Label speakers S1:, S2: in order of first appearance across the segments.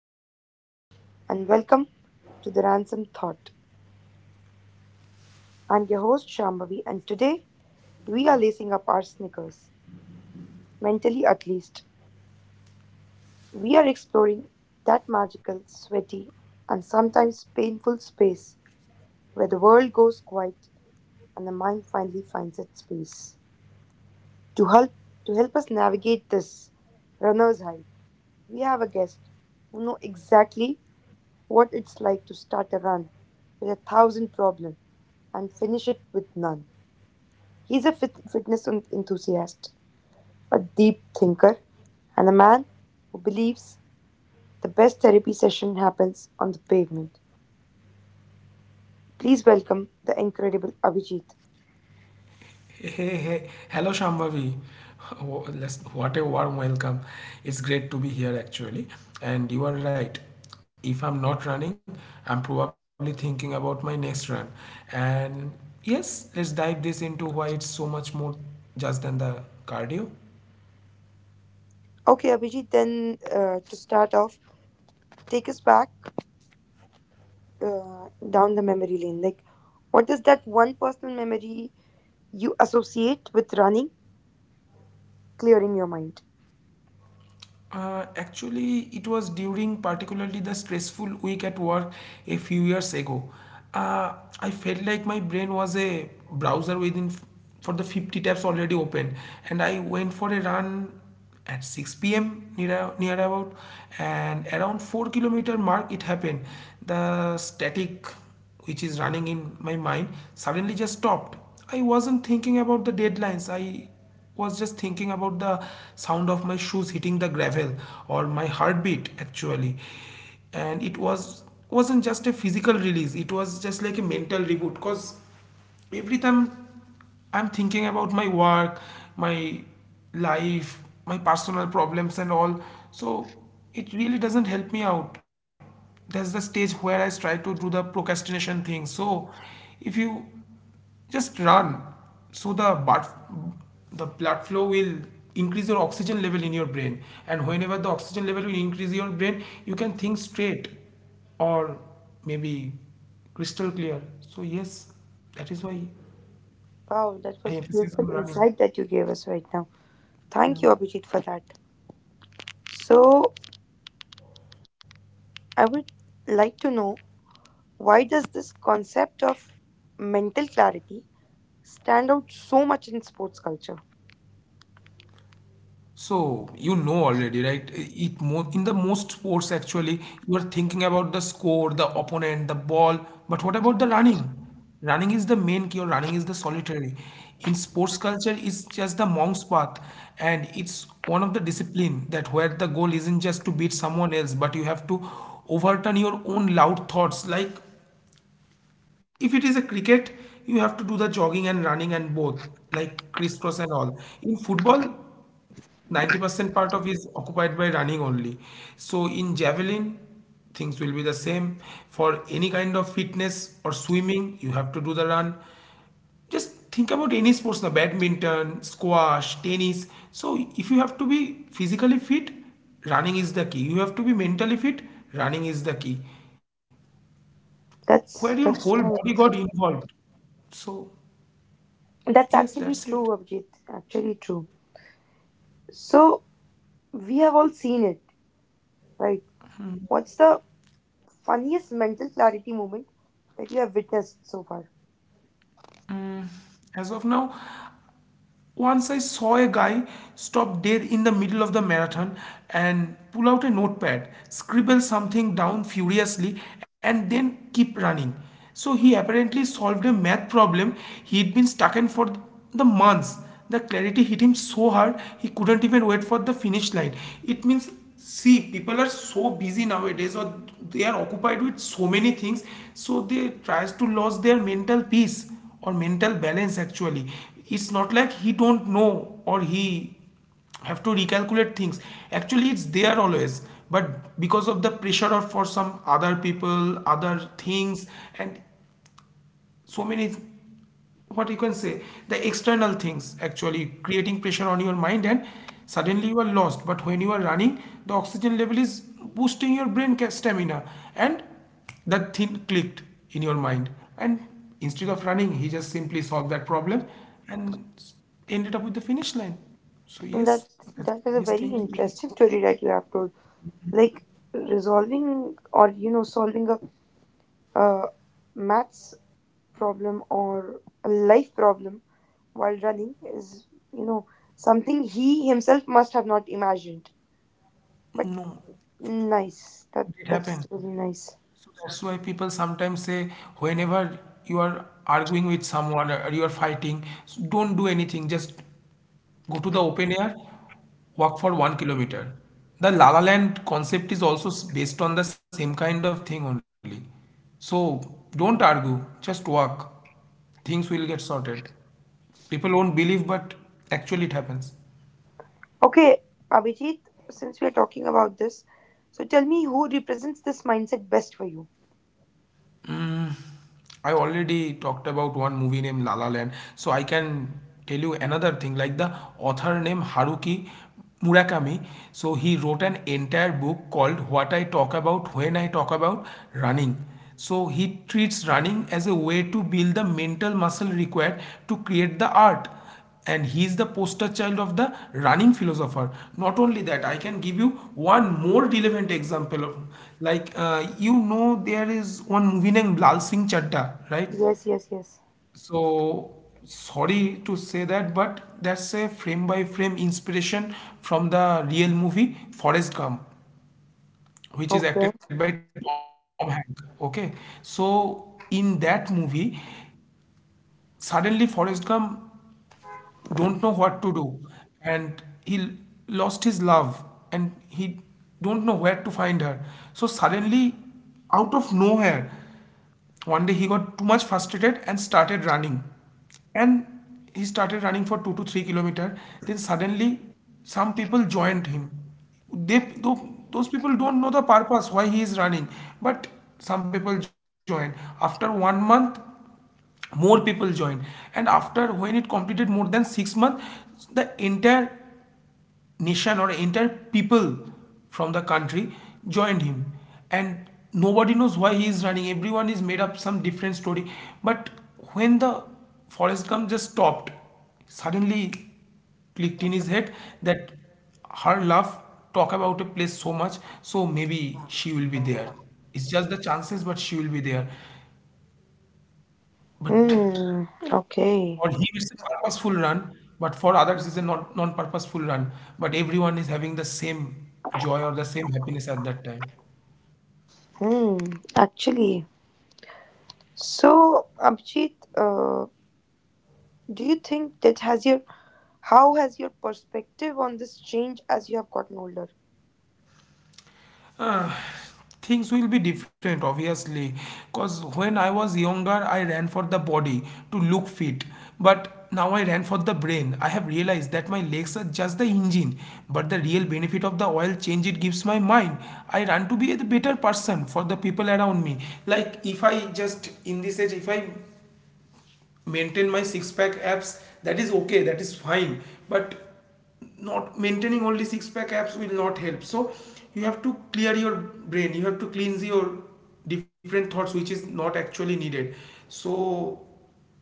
S1: everyone, and welcome to the Ransom Thought. I'm your host, Shambhavi, and today we are lacing up our sneakers, mentally at least. We are exploring that magical, sweaty, and sometimes painful space where the world goes quiet and the mind finally finds its peace. To help, to help us navigate this runner's high, we have a guest who knows exactly what it's like to start a run with a thousand problems and finish it with none. He's a fitness enthusiast, a deep thinker, and a man who believes the best therapy session happens on the pavement. Please welcome the incredible Abhijit.
S2: Hey, hey, hey. Hello, Shambhavi. Oh, what a warm welcome. It's great to be here, actually. And you are right. If I'm not running, I'm probably thinking about my next run. And yes, let's dive this into why it's so much more just than the cardio.
S1: Okay, Abhijit, then to start off, take us back down the memory lane. Like, what is that one personal memory you associate with running, clearing your mind?
S2: Actually, it was during particularly the stressful week at work a few years ago. Uh, I felt like my brain was a browser for the 50 tabs already open, and I went for a run at 6 p.m. near about, and around 4-kilometer mark it happened. The static which is running in my mind suddenly just stopped. I wasn't thinking about the deadlines. I was just thinking about the sound of my shoes hitting the gravel or my heartbeat actually, and it was wasn't just a physical release. It was just like a mental reboot, because every time I'm thinking about my work, my life, my personal problems and all, so it really doesn't help me out. There's the stage where I try to do the procrastination thing. So if you just run, so the blood flow will increase your oxygen level in your brain, and whenever the oxygen level will increase your brain, you can think straight, or maybe crystal clear. So yes, that is why
S1: Wow, that
S2: I
S1: was a
S2: emphasize
S1: beautiful
S2: on running.
S1: insight that you gave us right now. Thank you, Abhijit, for that. So, I would like to know, why does this concept of mental clarity stand out so much in sports culture?
S2: So you know already, right? It mo In the most sports actually, you are thinking about the score, the opponent, the ball. But what about the running? Running is the main cure. Running is the solitary. In sports culture, it's just the monk's path, and it's one of the discipline that where the goal isn't just to beat someone else, but you have to overturn your own loud thoughts. Like if it is a cricket, you have to do the jogging and running and both, like crisscross and all. In football, 90% part of is occupied by running only. So in javelin, things will be the same. For any kind of fitness or swimming, you have to do the run. Just think about any sports now, badminton, squash, tennis. So if you have to be physically fit, running is the key. You have to be mentally fit, running is the key. Where
S1: That's
S2: your
S1: that's
S2: whole
S1: nice.
S2: body got involved. So
S1: That's
S2: yes,
S1: actually
S2: that's
S1: true,
S2: it.
S1: Abhijit. Actually true. So, we have all seen it, right? What's the funniest mental clarity moment that you have witnessed so far?
S2: As of now, once I saw a guy stop dead in the middle of the marathon and pull out a notepad, scribble something down furiously, and then keep running. So he apparently solved a math problem he'd been stuck in for the months. The clarity hit him so hard he couldn't even wait for the finish line. It means, see, people are so busy nowadays, or they are occupied with so many things, so they tries to lose their mental peace or mental balance, actually. It's not like he don't know, or he have to recalculate things. Actually, it's there always, but because of the pressure of for some other people, other things, and so many, what you can say, the external things actually creating pressure on your mind, and suddenly you are lost. But when you are running, the oxygen level is boosting your stamina, and that thing clicked in your mind, and instead of running he just simply solved that problem and ended up with the finish line. So yes,
S1: That
S2: that's the
S1: that
S2: yes
S1: is a
S2: thing I
S1: very
S2: witnessed.
S1: interesting story that you have told. Like, resolving or, you know, solving a, uh maths problem or a life problem while running is, you know, something he himself must have not imagined, but
S2: No,
S1: nice. That
S2: did it
S1: that's
S2: happen?
S1: really nice.
S2: So that's why people sometimes say, whenever you are arguing with someone or you are fighting, don't do anything. Just go to the open air, walk for 1 kilometer. The La La Land concept is also based on the same kind of thing only. So don't argue, just walk. Things will get sorted. People won't believe, but actually it happens.
S1: Okay, Abhijit, since we are talking about this, so tell me, who represents this mindset best for you?
S2: I already talked about one movie named La La Land, so I can tell you another thing, like the author named Haruki Murakami. So he wrote an entire book called What I Talk About When I Talk About Running. So he treats running as a way to build the mental muscle required to create the art, and he is the poster child of the running philosopher. Not only that, I can give you one more relevant example of, like, you know, there is one movie named Lal Singh Chaddha, right?
S1: Yes, yes, yes.
S2: So sorry to say that, but that's a frame by frame inspiration from the real movie Forrest Gump, which is
S1: Okay.
S2: acted by Tom Hanks, okay? So in that movie, suddenly Forrest Gump don't know what to do, and lost his love, and he don't know where to find her. So suddenly, out of nowhere, one day he got too much frustrated and started running, and he started running for 2 to 3 kilometer. Then suddenly some people joined him. Those people don't know the purpose why he is running, but some people joined. After 1 month, more people joined, and after when it completed more than 6 months, the entire nation, or entire people from the country, joined him. And nobody knows why he is running. Everyone is made up some different story, but when the Forest Gump just stopped, suddenly clicked in his head that her love talk about a place so much, so maybe she will be there. It's just the chances, but she will be there. But
S1: Hmm. Okay.
S2: for him, it's a purposeful run, but for others, it's a non-purposeful run. But everyone is having the same joy or the same happiness at that time.
S1: Hmm. Actually, so Abhijit, do you think that has your, how has your perspective on this changed as you have gotten older?
S2: Uh, Things will be different, obviously, because when I was younger, I ran for the body to look fit, but now I ran for the brain. I have realized that my legs are just the engine, but the real benefit of the oil change it gives my mind. I run to be a better person for the people around me. Like if I just in this age, if I maintain my six pack abs, that is okay, that is fine, but not maintaining only six pack abs will not help. So you have to clear your brain, you have to cleanse your different thoughts which is not actually needed. So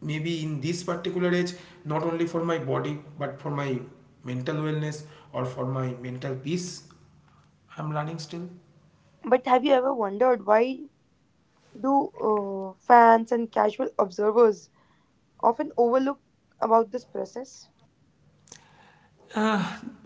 S2: maybe in this particular age, not only for my body but for my mental wellness or for my mental peace, I'm running still.
S1: But have you ever wondered why do fans and casual observers often overlook about this process?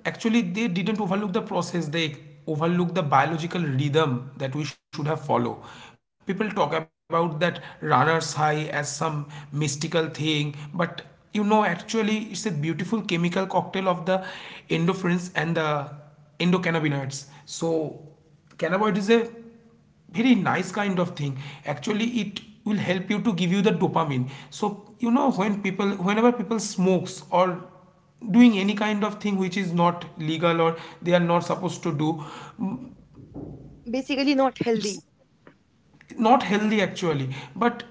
S2: Actually, they didn't overlook the process, they overlook the biological rhythm that we should have followed. People talk about that runner's high as some mystical thing, but you know, actually it's a beautiful chemical cocktail of the endorphins and the endocannabinoids. So cannabinoid is a very nice kind of thing. Actually, it will help you to give you the dopamine. So you know, whenever people smokes or doing any kind of thing which is not legal or they are not supposed to do,
S1: Basically, not healthy.
S2: it's not healthy, actually. But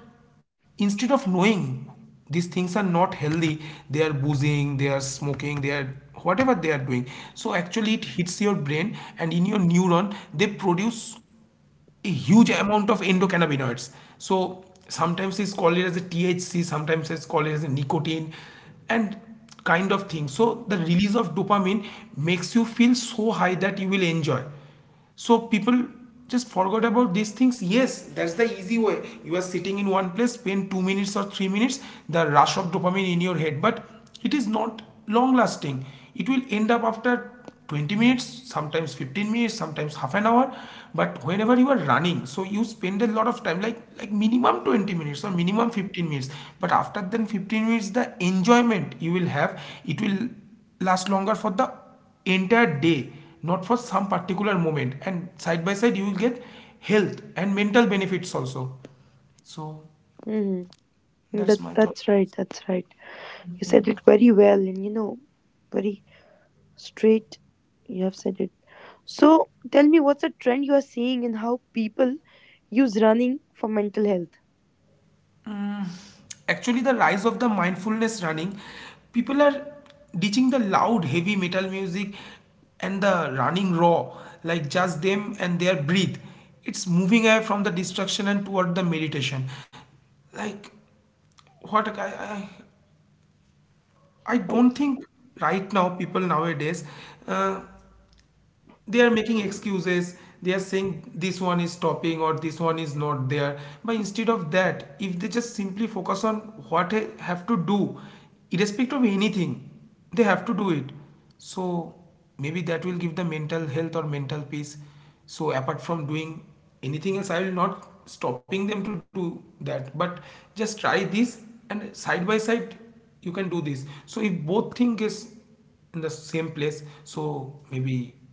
S2: instead of knowing these things are not healthy, they are boozing, they are smoking, they are whatever they are doing. So actually it hits your brain, and in your neuron they produce a huge amount of endocannabinoids. So sometimes it's called it as a THC, sometimes it's called it as a nicotine, and kind of thing. So the release of dopamine makes you feel so high that you will enjoy. So people just forgot about these things. Yes, that's the easy way. You are sitting in one place, spend 2 minutes or 3 minutes, the rush of dopamine in your head, but it is not long lasting. It will end up after 20 minutes, sometimes 15 minutes, sometimes half an hour. But whenever you are running, so you spend a lot of time, like minimum 20 minutes or minimum 15 minutes. But after then 15 minutes, the enjoyment you will have, it will last longer for the entire day, not for some particular moment, and side by side you will get health and mental benefits also. So
S1: Mm-hmm.
S2: that's
S1: That
S2: my thought.
S1: that's right. That's right. You said it very well, and, you know, very straight, you have said it. So tell me, what's a trend you are seeing in how people use running for mental health?
S2: Actually, the rise of the mindfulness running, people are ditching the loud heavy metal music and the running raw, like just them and their breathe. It's moving away from the distraction and toward the meditation. Like what I I
S1: Like,
S2: don't think right now people nowadays uh, they are making excuses. They are saying this one is stopping or this one is not there, but instead of that, if they just simply focus on what they have to do, irrespective of anything, they have to do it. So maybe that will give the mental health or mental peace. So apart from doing anything else, I will not stopping them to do that, but just try this, and side by side you can do this. So if both thing is in the same place, so maybe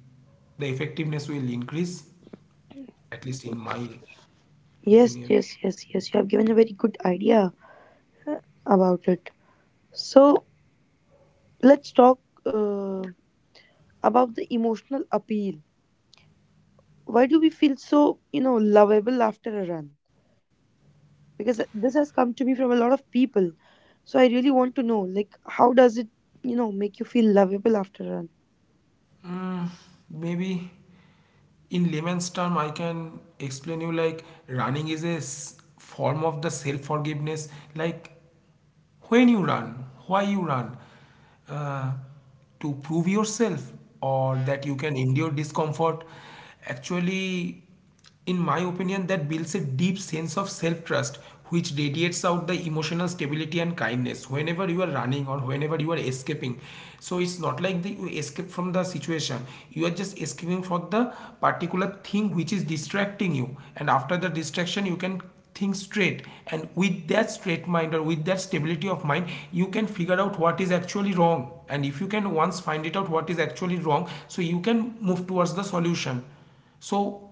S2: the effectiveness will increase, at least in my
S1: yes,
S2: opinion.
S1: yes, yes, yes, you have given a very good idea uh, about it. So, let's talk uh, about the emotional appeal. Why do we feel so, you know, lovable after a run? Because this has come to me from a lot of people, so I really want to know, like, how does it, you know, make you feel lovable after a run?
S2: Maybe in layman's term I can explain you, like running is a form of the self forgiveness. Like when you run, why you run, uh, to prove yourself or that you can endure discomfort. Actually, in my opinion, that builds a deep sense of self trust, which radiates out the emotional stability and kindness whenever you are running or whenever you are escaping. So it's not like the, you escape from the situation, you are just escaping for the particular thing which is distracting you, and after the distraction, you can think straight, and with that straight mind or with that stability of mind you can figure out what is actually wrong, and if you can once find it out what is actually wrong, so you can move towards the solution. So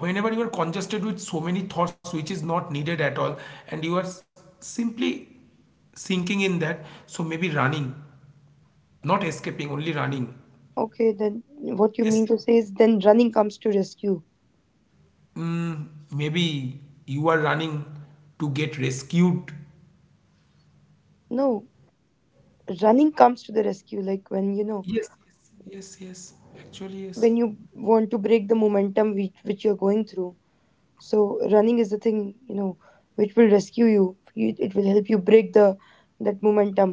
S2: whenever you are congested with so many thoughts which is not needed at all, and you are simply sinking in that, so maybe running, not escaping, only running.
S1: Okay, then what you
S2: Yes,
S1: mean to say is then running comes to rescue?
S2: maybe you are running to get rescued.
S1: No, running comes to the rescue, like when, you know,
S2: Yes, yes, yes, yes, actually yes.
S1: when you want to break the momentum which you're going through. So running is the thing, you know, which will rescue you. You- it will help you break the that momentum.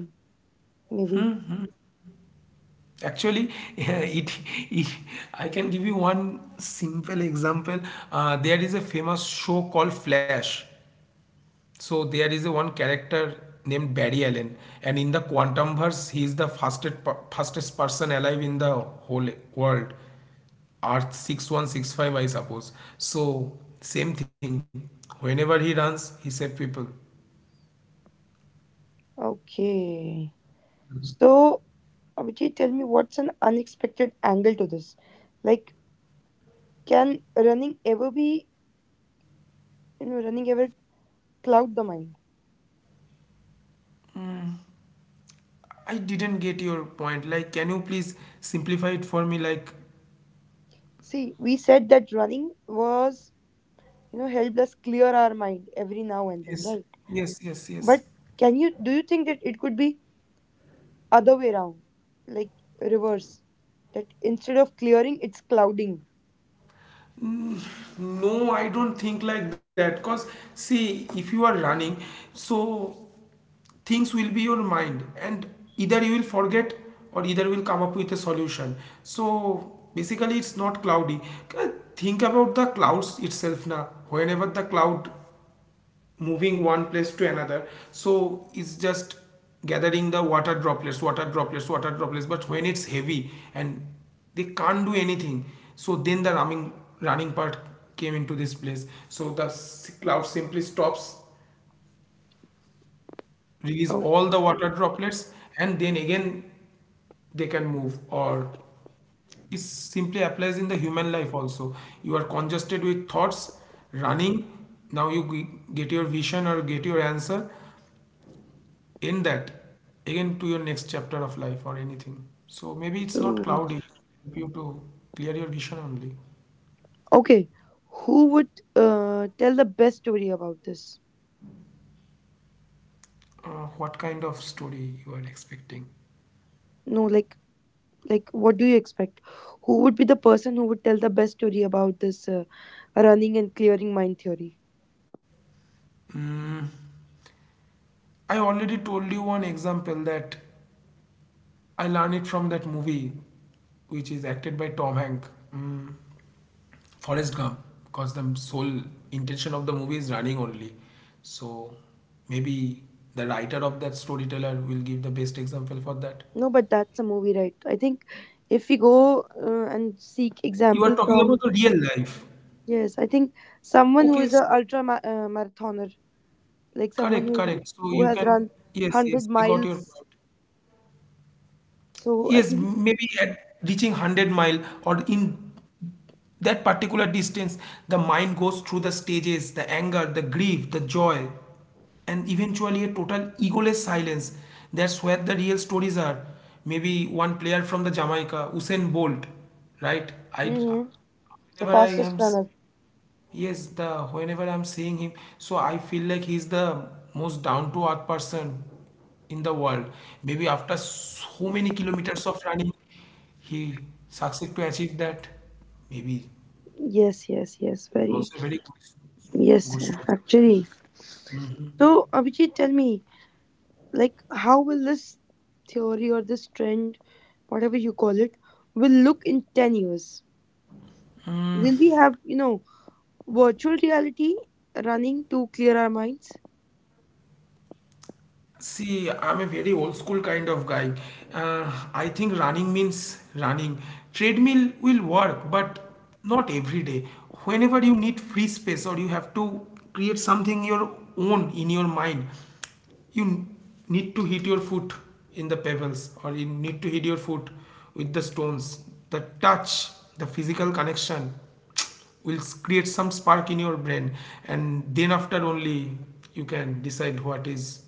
S1: Maybe
S2: Actually, it, it, I can give you one simple example. There is a famous show called Flash. So there is a one character named Barry Allen, and in the quantum verse, he is the fastest person alive in the whole world. Earth 6165, I suppose. So same thing. Whenever he runs, he saves people.
S1: okay. So Abhijit, tell me, what's an unexpected angle to this? Like, can running ever be, you know, running ever cloud the mind?
S2: I didn't get your point. Like, can you please simplify it for me? Like,
S1: See, we said that running was, you know, helped us clear our mind every now and then, right?
S2: yes, yes, yes,
S1: But
S2: yes.
S1: can you, do you think that it could be other way around, like reverse. That instead of clearing, it's clouding.
S2: No, I don't think like that. Cause see, if you are running, so things will be your mind, and either you will forget or either will come up with a solution. So basically, it's not cloudy. Think about the clouds itself now. Whenever the cloud moving one place to another, so it's just gathering the water droplets, but when it's heavy and they can't do anything, so then the running part came into this place. So the cloud simply stops, release
S1: Okay.
S2: all the water droplets, and then again they can move. Or it simply applies in the human life also. You are congested with thoughts, running, now you get your vision or get your answer in that, again to your next chapter of life or anything. So maybe it's not cloudy, it will help you to clear your vision only.
S1: Okay, who would tell the best story about this?
S2: What kind of story you are expecting?
S1: No, like what do you expect? Who would be the person who would tell the best story about this running and clearing mind theory?
S2: Mm, I already told you one example, that I learned it from that movie, which is acted by Tom Hank, mm, Forrest Gump, because the sole intention of the movie is running only. So maybe the writer of that storyteller will give the best example for that.
S1: No, but that's a movie, right? I think if we go and seek
S2: You are
S1: example
S2: talking about
S1: from,
S2: the real life.
S1: yes, I think someone who
S2: Okay,
S1: is a
S2: so
S1: ultra marathoner, like
S2: correct,
S1: someone
S2: correct. So you
S1: who
S2: can,
S1: has run
S2: yes, yes, I
S1: 100
S2: got your point.
S1: miles,
S2: Yes,
S1: so I think.
S2: maybe at reaching 100 mile or in that particular distance, the mind goes through the stages, the anger, the grief, the joy, and eventually a total egoless silence. That's where the real stories are. Maybe one player from the Jamaica, Usain Bolt, right? I
S1: Hmm. The
S2: whenever I am
S1: fastest
S2: s-
S1: runner.
S2: Yes, the whenever I'm seeing him, so I feel like he's the most down to earth person in the world. Maybe after so many kilometers of running, he succeeded to achieve that. Maybe
S1: Yes, yes, yes,
S2: it's
S1: very.
S2: also a very good,
S1: Yes,
S2: good story.
S1: actually, so Abhijit, tell me, like how will this theory or this trend, whatever you call it, will look in 10 years? Will we have, you know, virtual reality running to clear our minds?
S2: See, I'm a very old school kind of guy. I think running means running. Treadmill will work, but not every day. Whenever you need free space or you have to create something your own in your mind, you need to hit your foot in the pebbles, or you need to hit your foot with the stones. The touch, the physical connection will create some spark in your brain, and then after only you can decide what is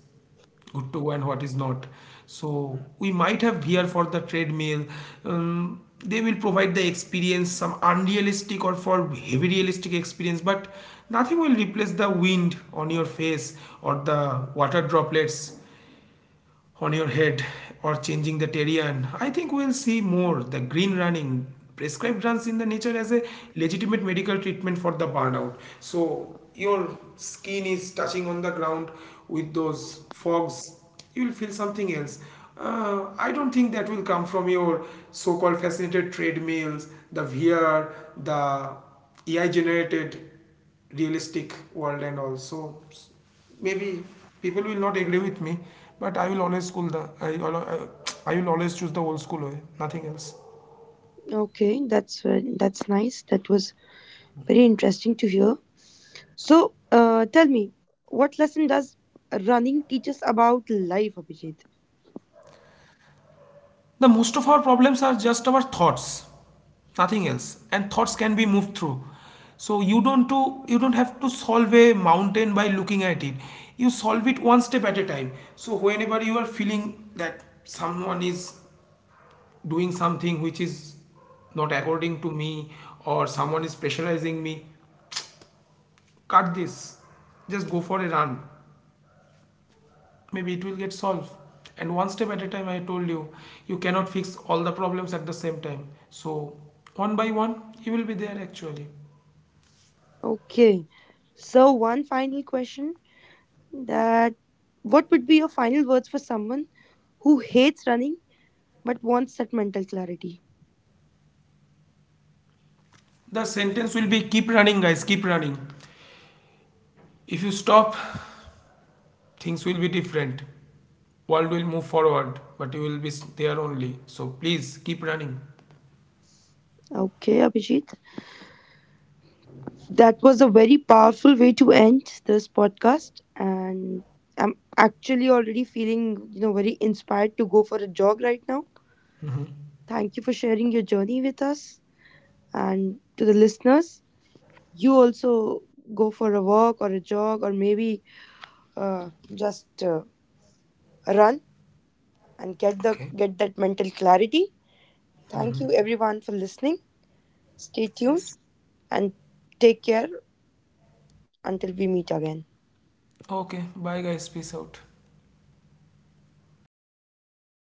S2: good to go and what is not. So we might have here for the treadmill. They will provide the experience, some unrealistic or for heavy realistic experience, but nothing will replace the wind on your face or the water droplets on your head or changing the terrain. I think we'll see more the green running, prescribed runs in the nature as a legitimate medical treatment for the burnout. So your skin is touching on the ground with those fogs, you will feel something else. I don't think that will come from your so-called fascinated treadmills, the VR, the AI generated realistic world. And also maybe people will not agree with me, but I will always choose the old school way, nothing else.
S1: Okay, that's nice. That was very interesting to hear. So, tell me, what lesson does running teach us about life, Abhijit?
S2: The most of our problems are just our thoughts, nothing else, and thoughts can be moved through. So you don't have to solve a mountain by looking at it. You solve it one step at a time. So whenever you are feeling that someone is doing something which is not according to me, or someone is pressurizing me, cut this, just go for a run, maybe it will get solved. And one step at a time, I told you, you cannot fix all the problems at the same time. So one by one you will be there actually.
S1: Okay. So, one final question, that what would be your final words for someone who hates running but wants that mental clarity?
S2: The sentence will be keep running guys, keep running. If you stop, things will be different, world will move forward, but you will be there only. So please keep running.
S1: Okay, Abhijit. That was a very powerful way to end this podcast. And I'm actually already feeling, you know, very inspired to go for a jog right now. Thank you for sharing your journey with us. And to the listeners, you also go for a walk or a jog or maybe just run and
S2: Okay.
S1: get that mental clarity. Thank you everyone for listening. Stay
S2: Yes.
S1: tuned and take care until we meet again.
S2: Okay, bye guys, peace out.